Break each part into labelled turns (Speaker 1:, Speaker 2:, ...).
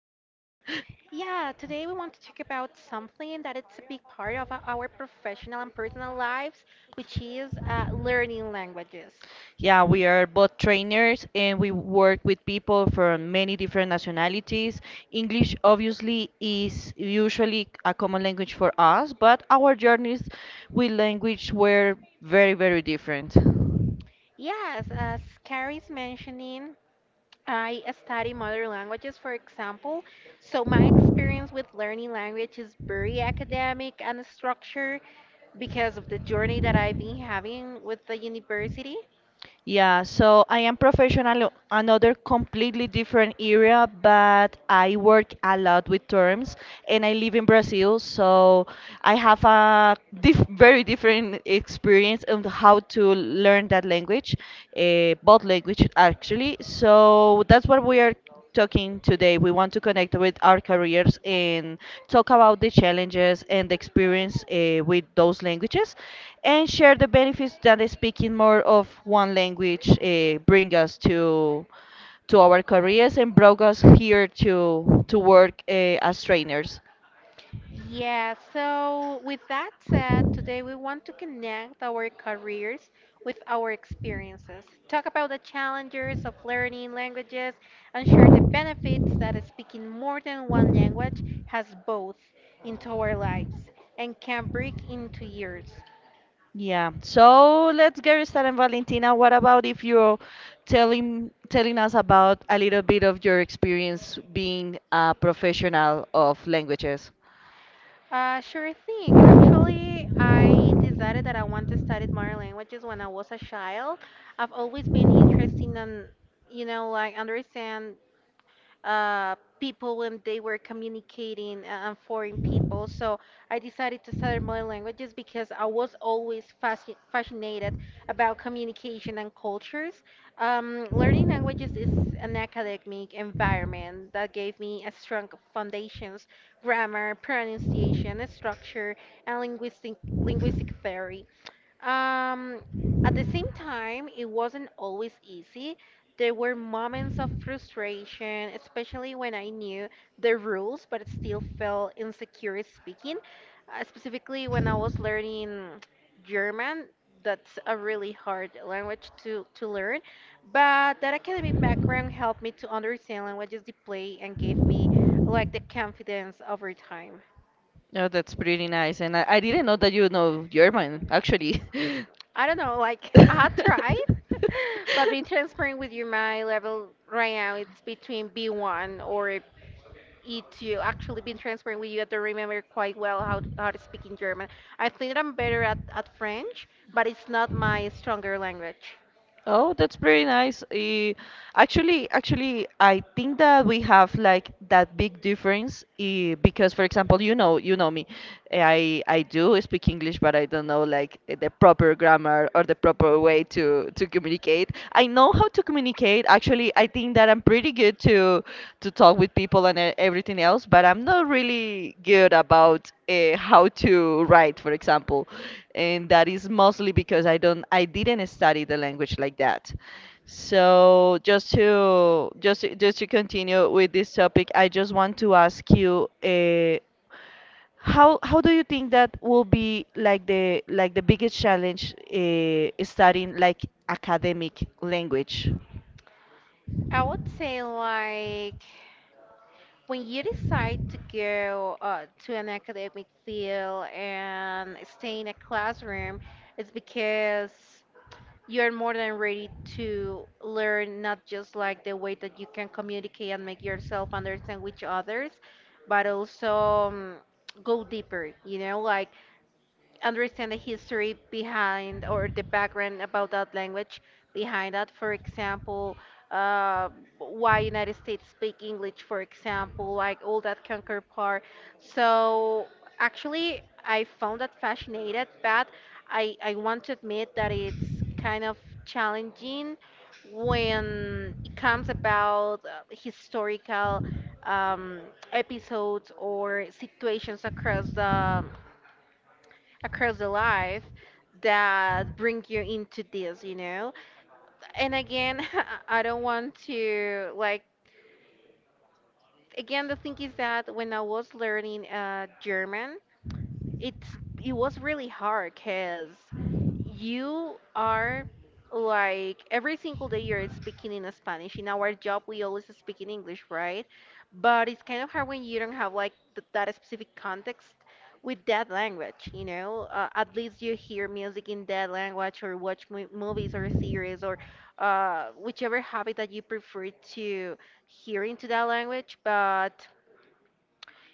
Speaker 1: Yeah, today we want to talk about something that it's a big part of our professional and personal lives, which is learning languages.
Speaker 2: yeah, we are both trainers and we work with people from many different nationalities. English, obviously, is usually a common language for us, but our journeys with language were very, very different.
Speaker 1: Yes, as Carrie's mentioning, I study modern languages, for example, so my experience with learning language is very academic and structured because of the journey that I've been having with the university.
Speaker 2: Yeah, so I am professional, another completely different area, but I work a lot with terms and I live in Brazil, so I have a diff very different experience on how to learn that language, both language actually. So that's what we are talking today, we want to connect with our careers and talk about the challenges and the experience with those languages and share the benefits that speaking more of one language bring us to our careers and brought us here to work as trainers.
Speaker 1: Yeah, so with that said, today we want to connect our careers with our experiences, talk about the challenges of learning languages, and share the benefits that speaking more than one language has both into our lives and can bring into yours.
Speaker 2: Yeah. So let's get started, Valentina. What about if you're telling us about a little bit of your experience being a professional of languages?
Speaker 1: Sure thing. Actually, I decided that I want to study more languages when I was a child. I've always been interested in, you know, like understand people when they were communicating and foreign people. So I decided to study modern languages because I was always fascinated about communication and cultures. Learning languages is an academic environment that gave me a strong foundations, grammar, pronunciation, structure, and linguistic theory. Um, at the same time, it wasn't always easy. There were moments of frustration, especially when I knew the rules, but it still felt insecure speaking. Specifically, when I was learning German, that's a really hard language to learn. But that academic background helped me to understand languages deeply and gave me like the confidence over time.
Speaker 2: Oh, that's pretty nice. And I didn't know that you know German, actually.
Speaker 1: I don't know, like I tried, but being transparent with you, my level right now it's between B1 or E2. Actually, being transparent with you, I don't remember quite well how to speak in German. I think that I'm better at French, but it's not my stronger language.
Speaker 2: Oh, that's pretty nice. Actually, I think that we have like that big difference because, for example, you know me, I do speak English, but I don't know like the proper grammar or the proper way to communicate. I know how to communicate. Actually, I think that I'm pretty good to talk with people and everything else, but I'm not really good about how to write, for example, and that is mostly because I didn't study the language like that. So just to continue with this topic, I just want to ask you. How do you think that will be like the biggest challenge studying like academic language?
Speaker 1: I would say like when you decide to go to an academic field and stay in a classroom, it's because you're more than ready to learn not just like the way that you can communicate and make yourself understand with others, but also um, go deeper, you know, like understand the history behind or the background about that language behind that. For example, uh, why United States speak English, for example, like all that conquer part. So actually, I found that fascinated, but I want to admit that it's kind of challenging when it comes about historical um, episodes or situations across the life that bring you into this, you know. And again, I don't want to like again the thing is that when I was learning German, it's it was really hard because you are like every single day you're speaking in Spanish. In our job, we always speak in English, right? But it's kind of hard when you don't have like th that specific context with that language, you know? At least you hear music in that language or watch mo movies or series or whichever habit that you prefer to hear into that language. But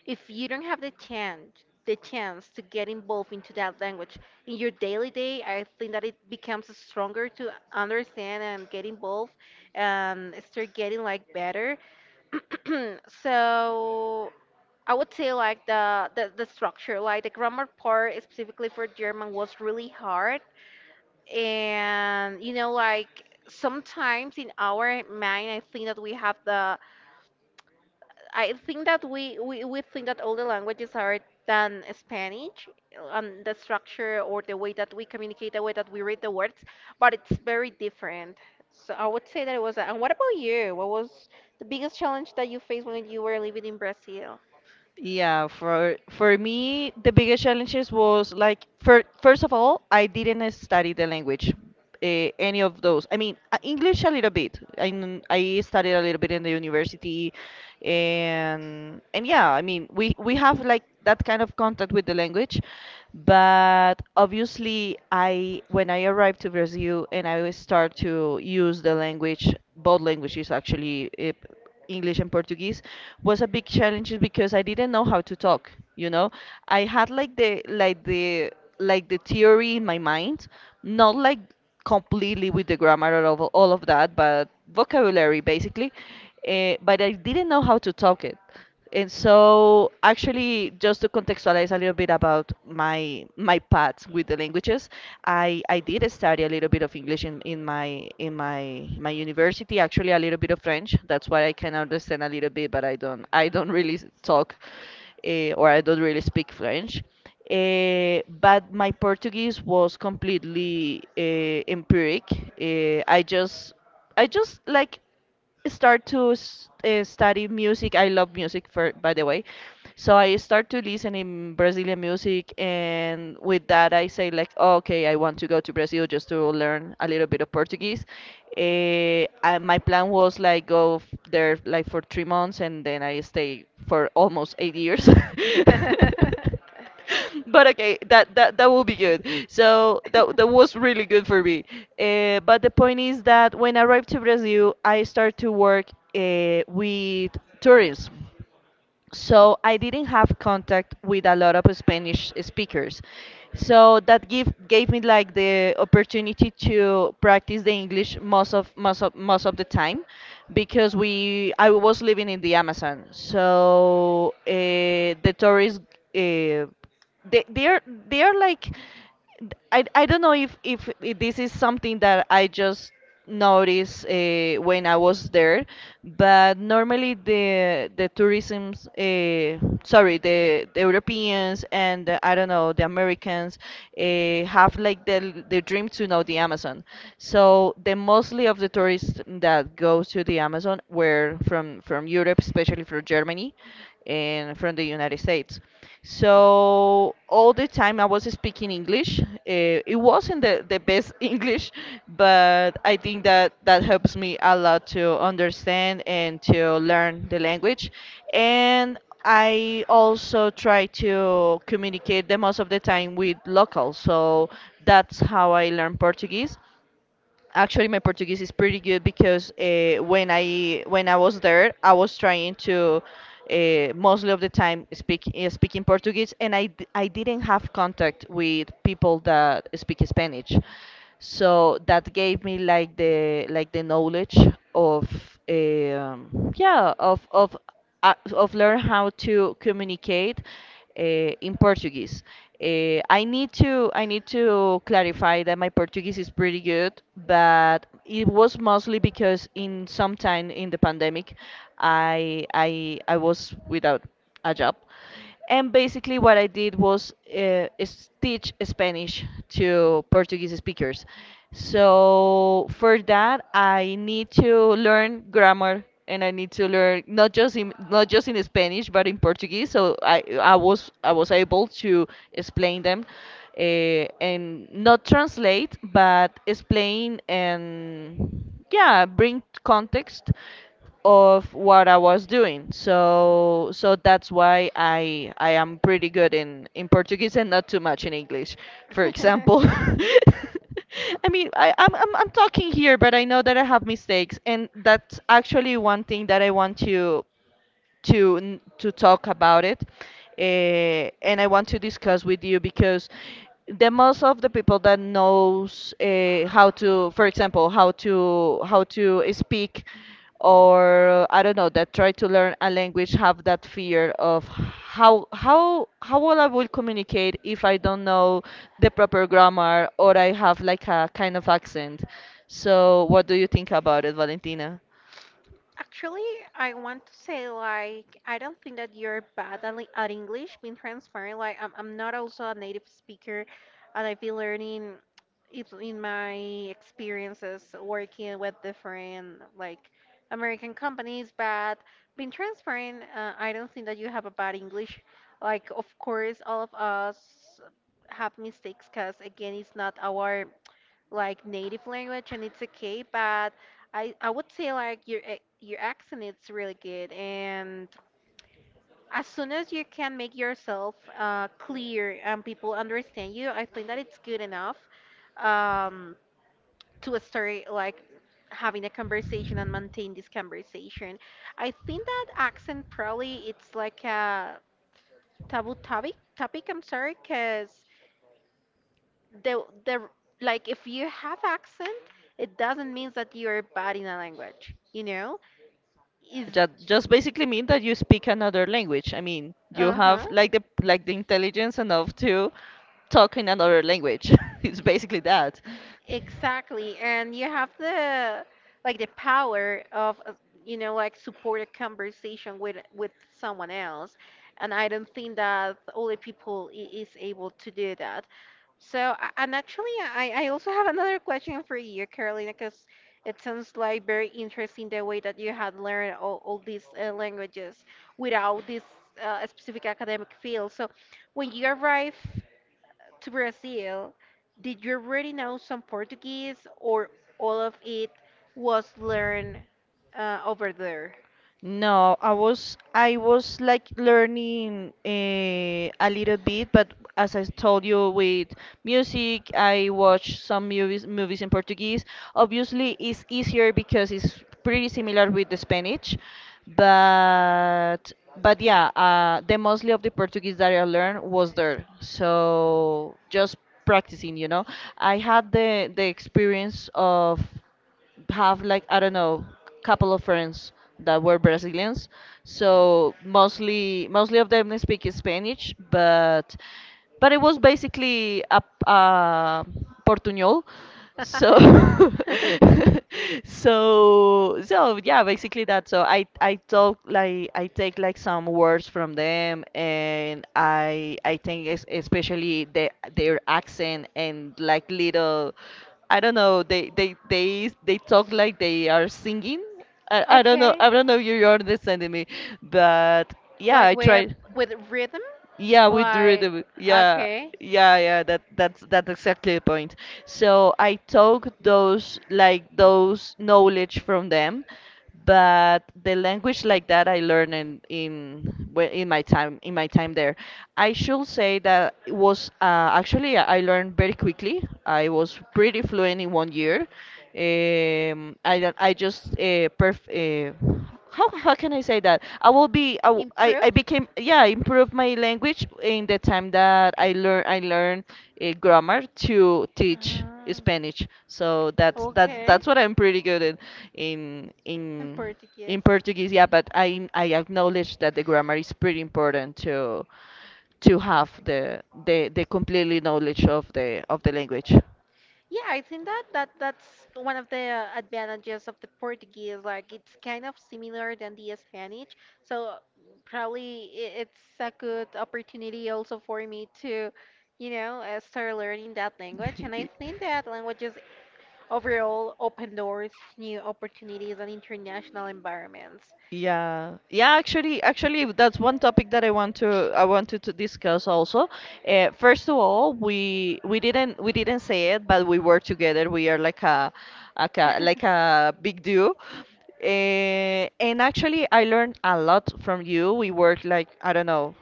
Speaker 1: if you don't have the chance to get involved into that language in your daily day, I think that it becomes stronger to understand and get involved and start getting like better. So I would say like the structure, like the grammar part specifically for German, was really hard. And you know, like sometimes in our mind, I think that we think that all the languages are than Spanish on the structure or the way that we communicate, the way that we read the words, but it's very different. So I would say that it was a, and what about you? What was the biggest challenge that you faced when you were living in Brazil?
Speaker 2: Yeah, for me, the biggest challenges was like first of all, I didn't study the language, any of those. I mean, English a little bit. I studied a little bit in the university, and yeah, I mean, we have like that kind of contact with the language, but obviously, I when I arrived to Brazil and I start to use the language, both languages actually, English and Portuguese was a big challenge because I didn't know how to talk. I had like the like the theory in my mind, not like completely with the grammar and all of that, but vocabulary basically. But I didn't know how to talk it. And so, actually, just to contextualize a little bit about my path with the languages, I did study a little bit of English in my my university. Actually, a little bit of French. That's why I can understand a little bit, but I don't really talk, or I don't really speak French. But my Portuguese was completely empiric. Uh, I just I just like start to study music. I love music, for by the way. So I start to listen in Brazilian music, and with that, I say like, "Oh, okay, I want to go to Brazil just to learn a little bit of Portuguese. My plan was like there like for 3 months, and then I stay for almost 8 years." But okay, that will be good, so that was really good for me. But the point is that when I arrived to Brazil, I started to work with tourism, so I didn't have contact with a lot of Spanish speakers, so that give gave me like the opportunity to practice the English most of the time because we I was living in the Amazon, so the tourists uh, they're like I don't know if this is something that I just noticed when I was there, but normally the tourism, sorry, the Europeans and I don't know the Americans have like the dream to know the Amazon. So the mostly of the tourists that goes to the Amazon were from Europe, especially from Germany, and from the United States. So all the time I was speaking English. It wasn't the best English, but I think that that helps me a lot to understand and to learn the language. And I also try to communicate the most of the time with locals. So that's how I learn Portuguese. Actually, my Portuguese is pretty good because when I was there, I was trying to mostly of the time speaking Portuguese, and I didn't have contact with people that speak Spanish, so that gave me like the knowledge of yeah of learn how to communicate uh, in Portuguese. I need to clarify that my Portuguese is pretty good, but it was mostly because in some time in the pandemic, I was without a job. And basically, what I did was is teach Spanish to Portuguese speakers. So for that, I need to learn grammar and I need to learn not just in Spanish but in Portuguese. So I was able to explain them and not translate but explain and yeah bring context of what I was doing. So that's why I am pretty good in Portuguese and not too much in English. For example, I mean, I'm talking here, but I know that I have mistakes, and that's actually one thing that I want to talk about it, and I want to discuss with you because the most of the people that knows how to, for example, how to speak, or I don't know, that try to learn a language have that fear of how will I will communicate if I don't know the proper grammar or I have like a kind of accent. So what do you think about it, Valentina?
Speaker 1: Actually, I want to say like I don't think that you're bad at, at English. Being transparent, like I'm not also a native speaker, and I've been learning it in my experiences working with different like American companies. But being transparent, I don't think that you have a bad English. Like of course, all of us have mistakes, cause again, it's not our like native language and it's okay. But I would say like your your accent it's really good, and as soon as you can make yourself clear and people understand you, I think that it's good enough um, to start like having a conversation and maintain this conversation. I think that accent probably it's like a taboo topic, I'm sorry, because the like if you have accent, it doesn't mean that you're bad in a language, you know. Is
Speaker 2: That just basically mean that you speak another language. I mean, you
Speaker 1: uh-huh,
Speaker 2: have like the intelligence enough to talk in another language. It's basically that.
Speaker 1: exactly. And you have the like the power of, you know, like support a conversation with someone else, and I don't think that all the people is able to do that. So, and actually, I also have another question for you, Carolina, because it sounds like very interesting the way that you had learned all these languages without this specific academic field. So, when you arrived to Brazil, did you already know some Portuguese or all of it was learned over there?
Speaker 2: No, I was like learning a little bit, but as I told you with music, I watch some movies in Portuguese. Obviously, it's easier because it's pretty similar with the Spanish, but yeah, the mostly of the Portuguese that I learned was there. So just practicing. I had the experience of have like I don't know, couple of friends that were Brazilians. So mostly of them they speak Spanish, but it was basically a Portuñol. So so yeah, basically that. So I talk like I take like some words from them, and I think especially their accent and like little. I don't know. They talk like they are singing. I don't know.
Speaker 1: Okay.
Speaker 2: I don't know if you're understanding me, but yeah,
Speaker 1: Like
Speaker 2: I tried.
Speaker 1: with rhythm?
Speaker 2: Yeah, we do it.
Speaker 1: Like
Speaker 2: Yeah,
Speaker 1: okay.
Speaker 2: yeah, yeah. That's exactly the point. So I took those like those knowledge from them, but the language like that I learned in in my time there. I should say that it was actually I learned very quickly. I was pretty fluent in one year. I don't- I just perf how can I say that? I will be
Speaker 1: Improve?
Speaker 2: I became, yeah, improve my language in the time that I learn grammar to teach
Speaker 1: Ah,
Speaker 2: Spanish. So
Speaker 1: okay.
Speaker 2: that's what I'm pretty good in in in
Speaker 1: In Portuguese.
Speaker 2: in Portuguese. Yeah, but I acknowledge that the grammar is pretty important to have the completely knowledge of the language.
Speaker 1: Yeah, I think that, that's one of the advantages of the Portuguese. Like it's kind of similar than the Spanish, so probably it's a good opportunity also for me to, you know, start learning that language. And I think that languages overall open doors to new opportunities and international environments.
Speaker 2: Yeah, yeah, actually, that's one topic that I wanted to discuss also. First of all, we didn't say it, but we were together. We are like a, like a like a big duo. And actually, I learned a lot from you. We worked like I don't know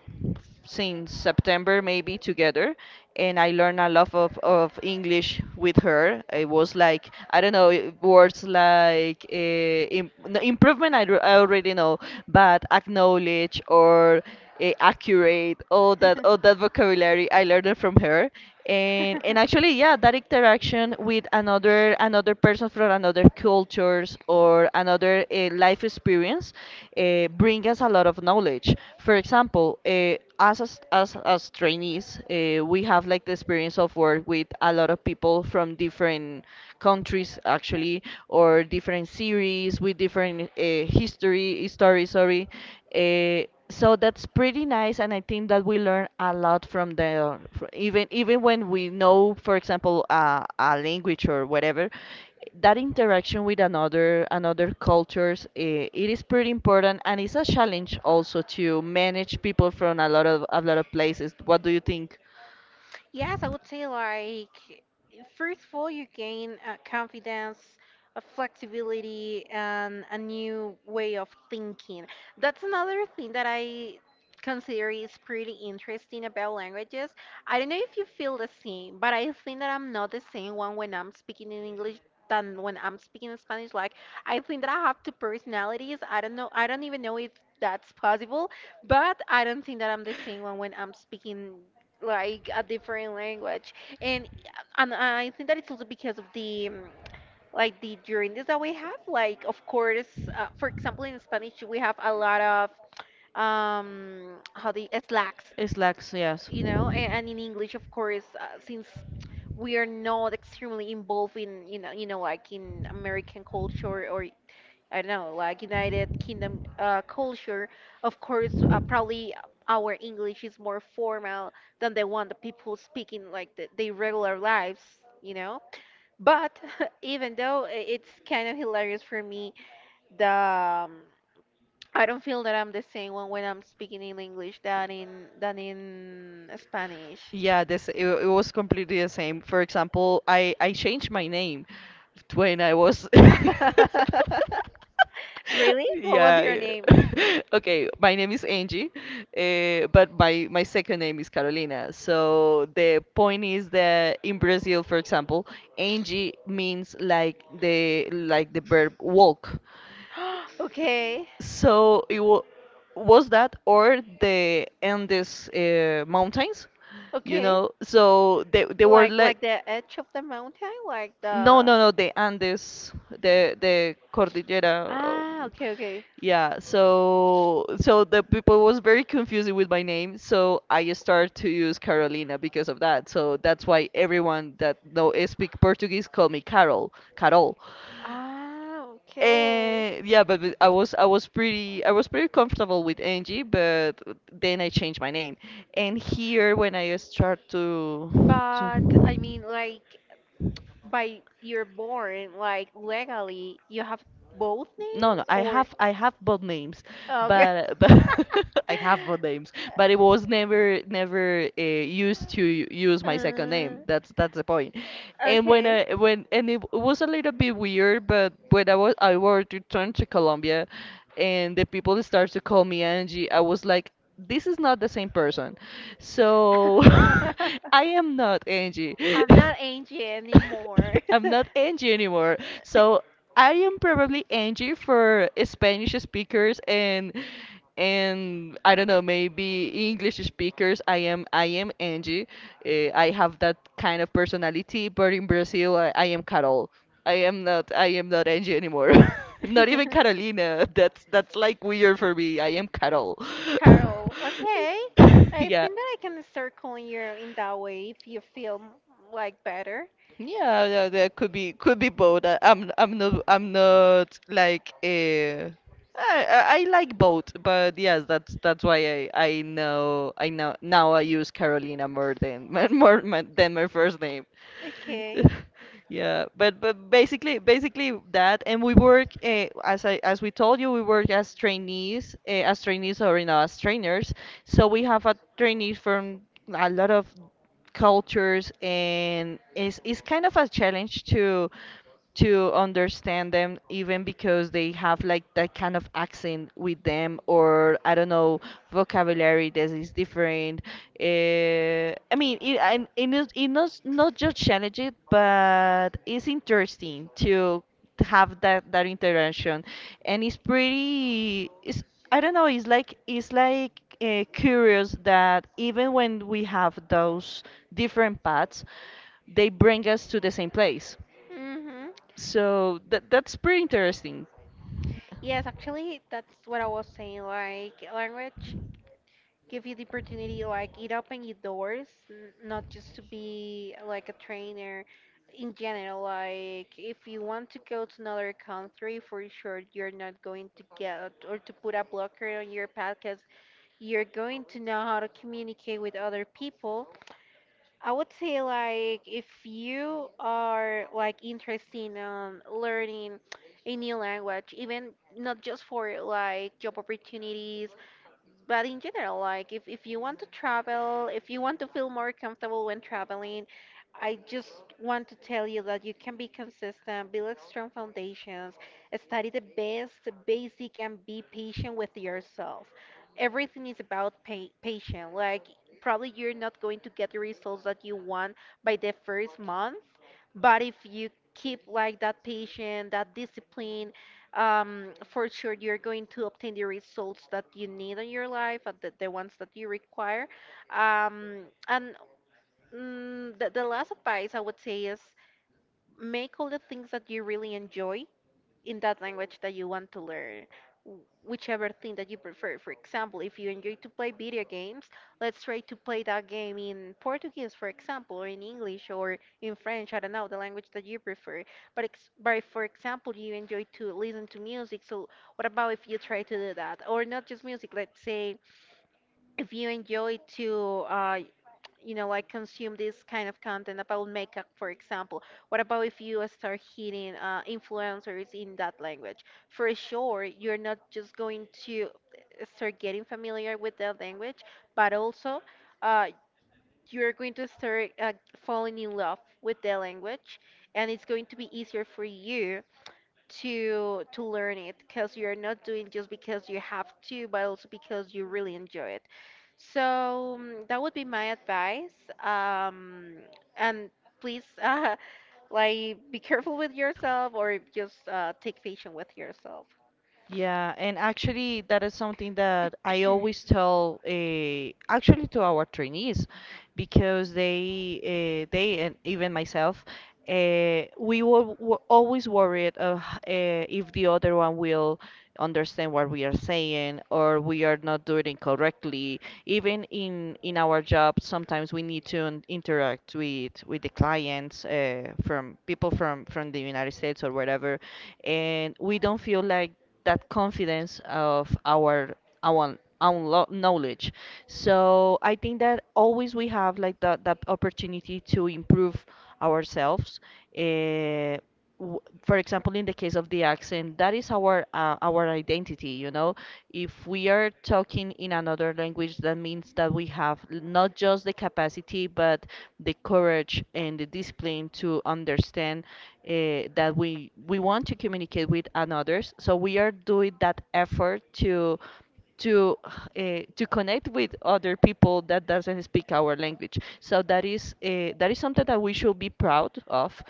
Speaker 2: since September maybe together, and I learned a lot of English with her. It was like I don't know words like im- no, improvement I already know, but acknowledge or accurate, all that vocabulary I learned it from her, and actually, yeah, that interaction connection with another person from another cultures or another life experience bring us a lot of knowledge. For example, as trainees, we have like the experience of work with a lot of people from different countries actually, or different series with different history stories. Sorry. So that's pretty nice, and I think that we learn a lot from there even when we know, for example, a language or whatever. That interaction with another cultures, it is pretty important, and it's a challenge also to manage people from a lot of places. What do you think?
Speaker 1: Yes, I would say like first of all, you gain confidence, flexibility, and a new way of thinking. That's another thing that I consider is pretty interesting about languages. I don't know if you feel the same, but I think that I'm not the same one when I'm speaking in English than when I'm speaking in Spanish. Like I think that I have two personalities. I don't know. I don't even know if that's possible, but I don't think that I'm the same one when I'm speaking like a different language. and and I think that it's also because of the like the journeys that we have, like of course, for example in Spanish we have a lot of, how, the slacks,
Speaker 2: It's lax, yes.
Speaker 1: you know. And in English, of course, since we are not extremely involved in, you know, like in American culture, or I don't know, like United Kingdom culture. Of course, probably our English is more formal than the one that people speak in like the, their regular lives, you know. But even though it's kind of hilarious for me, the I don't feel that I'm the same one when I'm speaking in English than in Spanish.
Speaker 2: Yeah, this it was completely the same. For example, I changed my name when I was
Speaker 1: Really? What was your
Speaker 2: Yeah.
Speaker 1: name?
Speaker 2: Okay, my name is Angie, but my second name is Carolina. So the point is that in Brazil, for example, Angie means like the verb walk.
Speaker 1: Okay,
Speaker 2: So it wa was that or the Andes mountains, you
Speaker 1: okay.
Speaker 2: know? So they were like
Speaker 1: Like the edge of the mountain, like
Speaker 2: no
Speaker 1: the
Speaker 2: no no the Andes, the Cordillera.
Speaker 1: Ah, okay, okay.
Speaker 2: Yeah, so the people was very confusing with my name, so I started to use Carolina because of that. So that's why everyone that know speak Portuguese call me Carol, Carol.
Speaker 1: Ah, okay.
Speaker 2: Yeah, but I was pretty comfortable with Angie, but then I changed my name. And here when I start to
Speaker 1: But I mean, like by you're born, like legally, you have both
Speaker 2: no,
Speaker 1: names
Speaker 2: I
Speaker 1: or
Speaker 2: have I have both names,
Speaker 1: okay.
Speaker 2: but I have both names, but it was never used to use my second
Speaker 1: Uh,
Speaker 2: name. That's the point. And when
Speaker 1: okay.
Speaker 2: I when and it was a little bit weird, but when I were to turn to Colombia. And the people start to call me Angie. I was like, this is not the same person. So I am not Angie.
Speaker 1: I'm not Angie anymore.
Speaker 2: I'm not Angie anymore. So I am probably Angie for Spanish speakers, and I don't know, maybe English speakers. I am Angie. I have that kind of personality, but in Brazil, I am Carol. I am not Angie anymore. Not even Carolina. That's like weird for me. I am Carol.
Speaker 1: Carol, okay. I
Speaker 2: Yeah.
Speaker 1: think that I can start calling you in that way if you feel like better.
Speaker 2: Yeah, yeah, that could be both. I'm not like I like both, but yes, that's why I know now I use Carolina more than than my first name.
Speaker 1: Okay.
Speaker 2: Yeah, but basically that, and we work as we told you, we work as trainees, as trainees, or you know, as trainers. So we have a trainees from a lot of cultures, and it's kind of a challenge to understand them, even because they have like that kind of accent with them, or I don't know, vocabulary that is different. I mean, it, and it, is- it not just challenging, but it's interesting to have that interaction, and it's I don't know, it's like curious, that even when we have those different paths, they bring us to the same place.
Speaker 1: Mm-hmm.
Speaker 2: So that's pretty interesting.
Speaker 1: Yes, actually, that's what I was saying. Like, language give you the opportunity, like, it open your doors, not just to be like a trainer. In general, like, if you want to go to another country, for sure, you're not going to get or to put a blocker on your path because you're going to know how to communicate with other people. I would say like if you are like interested in, learning a new language, even not just for like job opportunities but in general, like if you want to travel, if you want to feel more comfortable when traveling, I just want to tell you that you can be consistent, build strong foundations, study the best basic, and be patient with yourself. Everything is about patient. Like probably you're not going to get the results that you want by the first month, but if you keep like that patient, that discipline, for sure you're going to obtain the results that you need in your life and the ones that you require. Um, and the last advice I would say is make all the things that you really enjoy in that language that you want to learn, whichever thing that you prefer. For example, if you enjoy to play video games, let's try to play that game in Portuguese, for example, or in English or in French, I don't know, the language that you prefer. But, but if, for example, you enjoy to listen to music, so what about if you try to do that, or not just music, let's say. If you enjoy to, you know, I consume this kind of content about makeup, for example. What about if you start hitting influencers in that language? For sure, you're not just going to, start getting familiar with the language, but also uh, you're going to start falling in love with the language, and it's going to be easier for you to learn it because you're not doing just because you have to, but also because you really enjoy it. So, mm, that would be my advice. Um, and please, like, be careful with yourself, or just take patience with yourself.
Speaker 2: Yeah, and actually, that is something that I always tell, actually, to our trainees. Because they and even myself, we were always worried of if the other one will understand what we are saying, or we are not doing it correctly. Even in our job, sometimes we need to interact with the clients, from people from the United States or wherever, and we don't feel like that confidence of our own knowledge. So I think that always we have like that opportunity to improve ourselves. Uh, w- for example, in the case of the accent, that is our identity. You know, if we are talking in another language, that means that we have not just the capacity, but the courage and the discipline to understand that we want to communicate with others. So we are doing that effort to connect with other people that doesn't speak our language. So that is something that we should be proud of.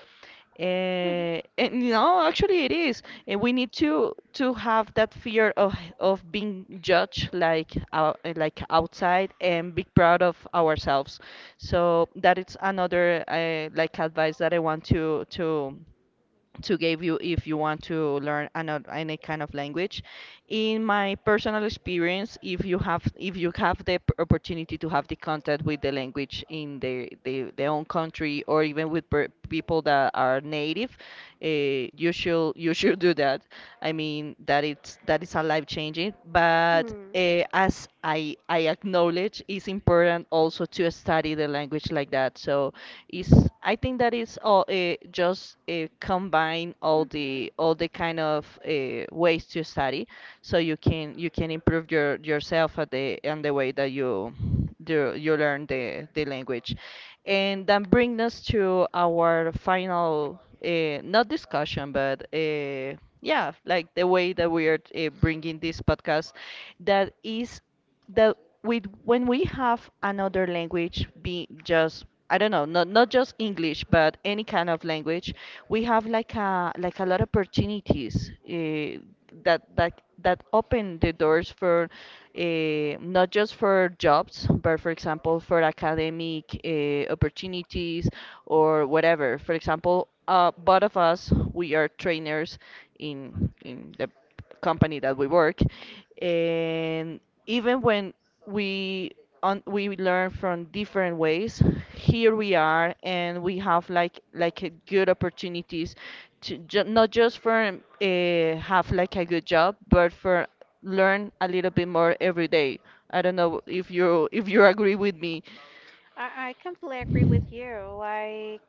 Speaker 2: And no, actually it is. And we need to have that fear of being judged like outside, and be proud of ourselves. So that is another like advice that I want to give you if you want to learn another any kind of language. In my personal experience, if you have the opportunity to have the contact with the language in the own country, or even with people that are native. You should do that. I mean that it's that is a life changing, but as I acknowledge, it's important also to study the language like that. So it's I think that is all, just combine all
Speaker 1: Mhm.
Speaker 2: the kind of ways to study, so you can improve yourself at the and the way that you learn the language. And that brings us to our final, not discussion, but yeah, like the way that we are bringing this podcast, that is the with when we have another language, be just I don't know, not just English but any kind of language. We have like a lot of opportunities, that open the doors for, not just for jobs, but for example for academic opportunities or whatever. For example, both of us, we are trainers in the company that we work, and even when we we learn from different ways, here we are, and we have like a good opportunities not just for have like a good job, but for learn a little bit more every day. I don't know if you agree with me.
Speaker 1: I completely agree with you. Like,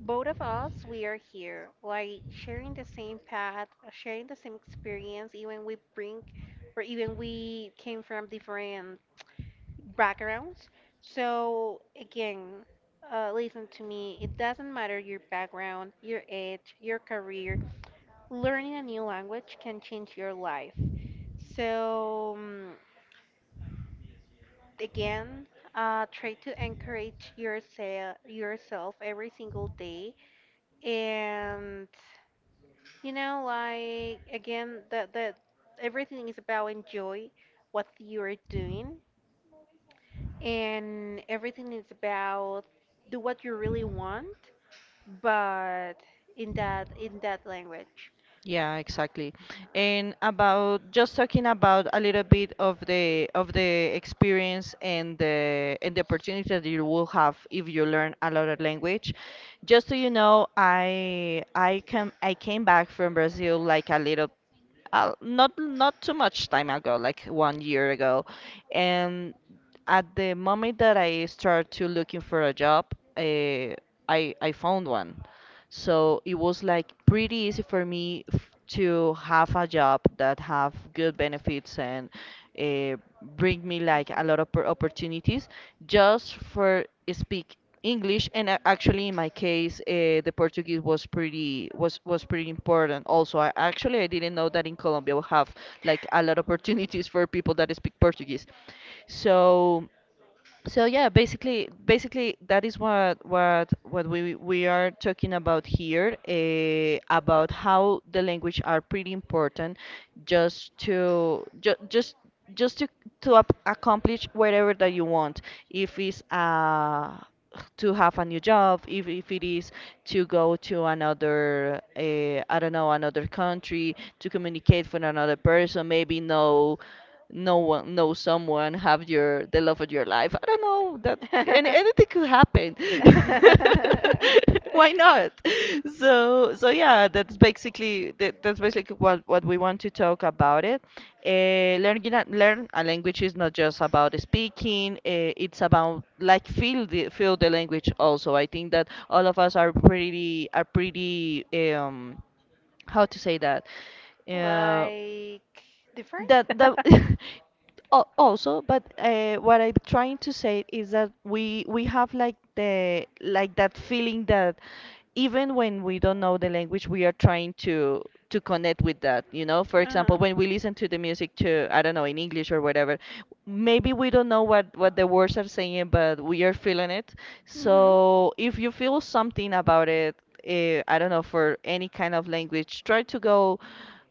Speaker 1: both of us, we are here, like, sharing the same path, sharing the same experience, even we bring, or even we came from different backgrounds. So, again, listen to me, it doesn't matter your background, your age, your career, learning a new language can change your life. So, mm, again, try to encourage yourself every single day, and you know, like again, that that everything is about enjoy what you're doing, and everything is about do what you really want, but in that language.
Speaker 2: Yeah, exactly. And about just talking about a little bit of the experience and the opportunity that you will have if you learn another language. Just so you know, I came back from Brazil like a little, not too much time ago, like one year ago, and at the moment that I started to looking for a job, uh, I found one, so it was like pretty easy for to have a job that have good benefits and, uh, bring me like a lot
Speaker 1: Mhm.
Speaker 2: of opportunities just for speak. English, actually in my case, the Portuguese was pretty important. Also, I actually I didn't know that in Colombia we have like a lot of opportunities for people that speak Portuguese. So. So yeah, basically that is what we are talking about here, about how the language are pretty important, just to ju just to ap- accomplish whatever that you want. If it's, to have a new job, if it is to go to another, I don't know, another country, to communicate with another person, maybe know. No one, know someone, have your the love of your life. I don't know, that anything could happen. Why not? So yeah, that's basically that, that's basically what we want to talk about it. Learn a language is not just about speaking. It's about like feel the language also. I think that all of us are pretty um how to say that. Uh,
Speaker 1: Like different?
Speaker 2: that the Also, but what I'm trying to say is that we have like the like that feeling that even when we don't know the language, we are trying to
Speaker 1: Uh-huh.
Speaker 2: connect with that, you know, for example when we listen to the music, to I don't know, in English or whatever. Maybe we don't know what the words are saying, but we are feeling it.
Speaker 1: Hmm.
Speaker 2: So if you feel something about it, I don't know, for any kind of language, try to go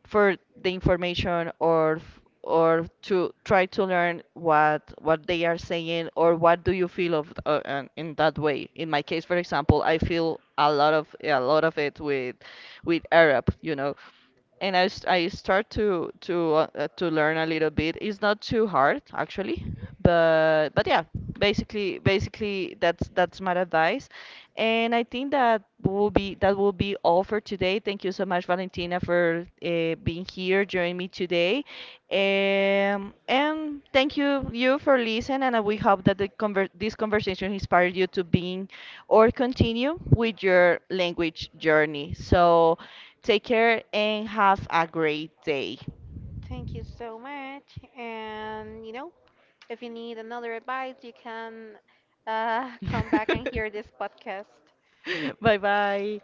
Speaker 2: for the information, or to try to learn what they are saying, or what do you feel of, in that way. In my case, for example, I feel a lot of it with Arab, you know, and I start to learn a little bit. It's not too hard actually, but yeah, basically that's my advice. And I think that will be all for today. Thank you so much, Valentina, for being here, joining me today. And thank you for listening. And we hope that the conver this conversation inspired you to being or continue with your language journey. So take care and have a great day.
Speaker 1: Thank you so much. And you know, if you need another advice, you can come back and hear this podcast.
Speaker 2: Bye bye.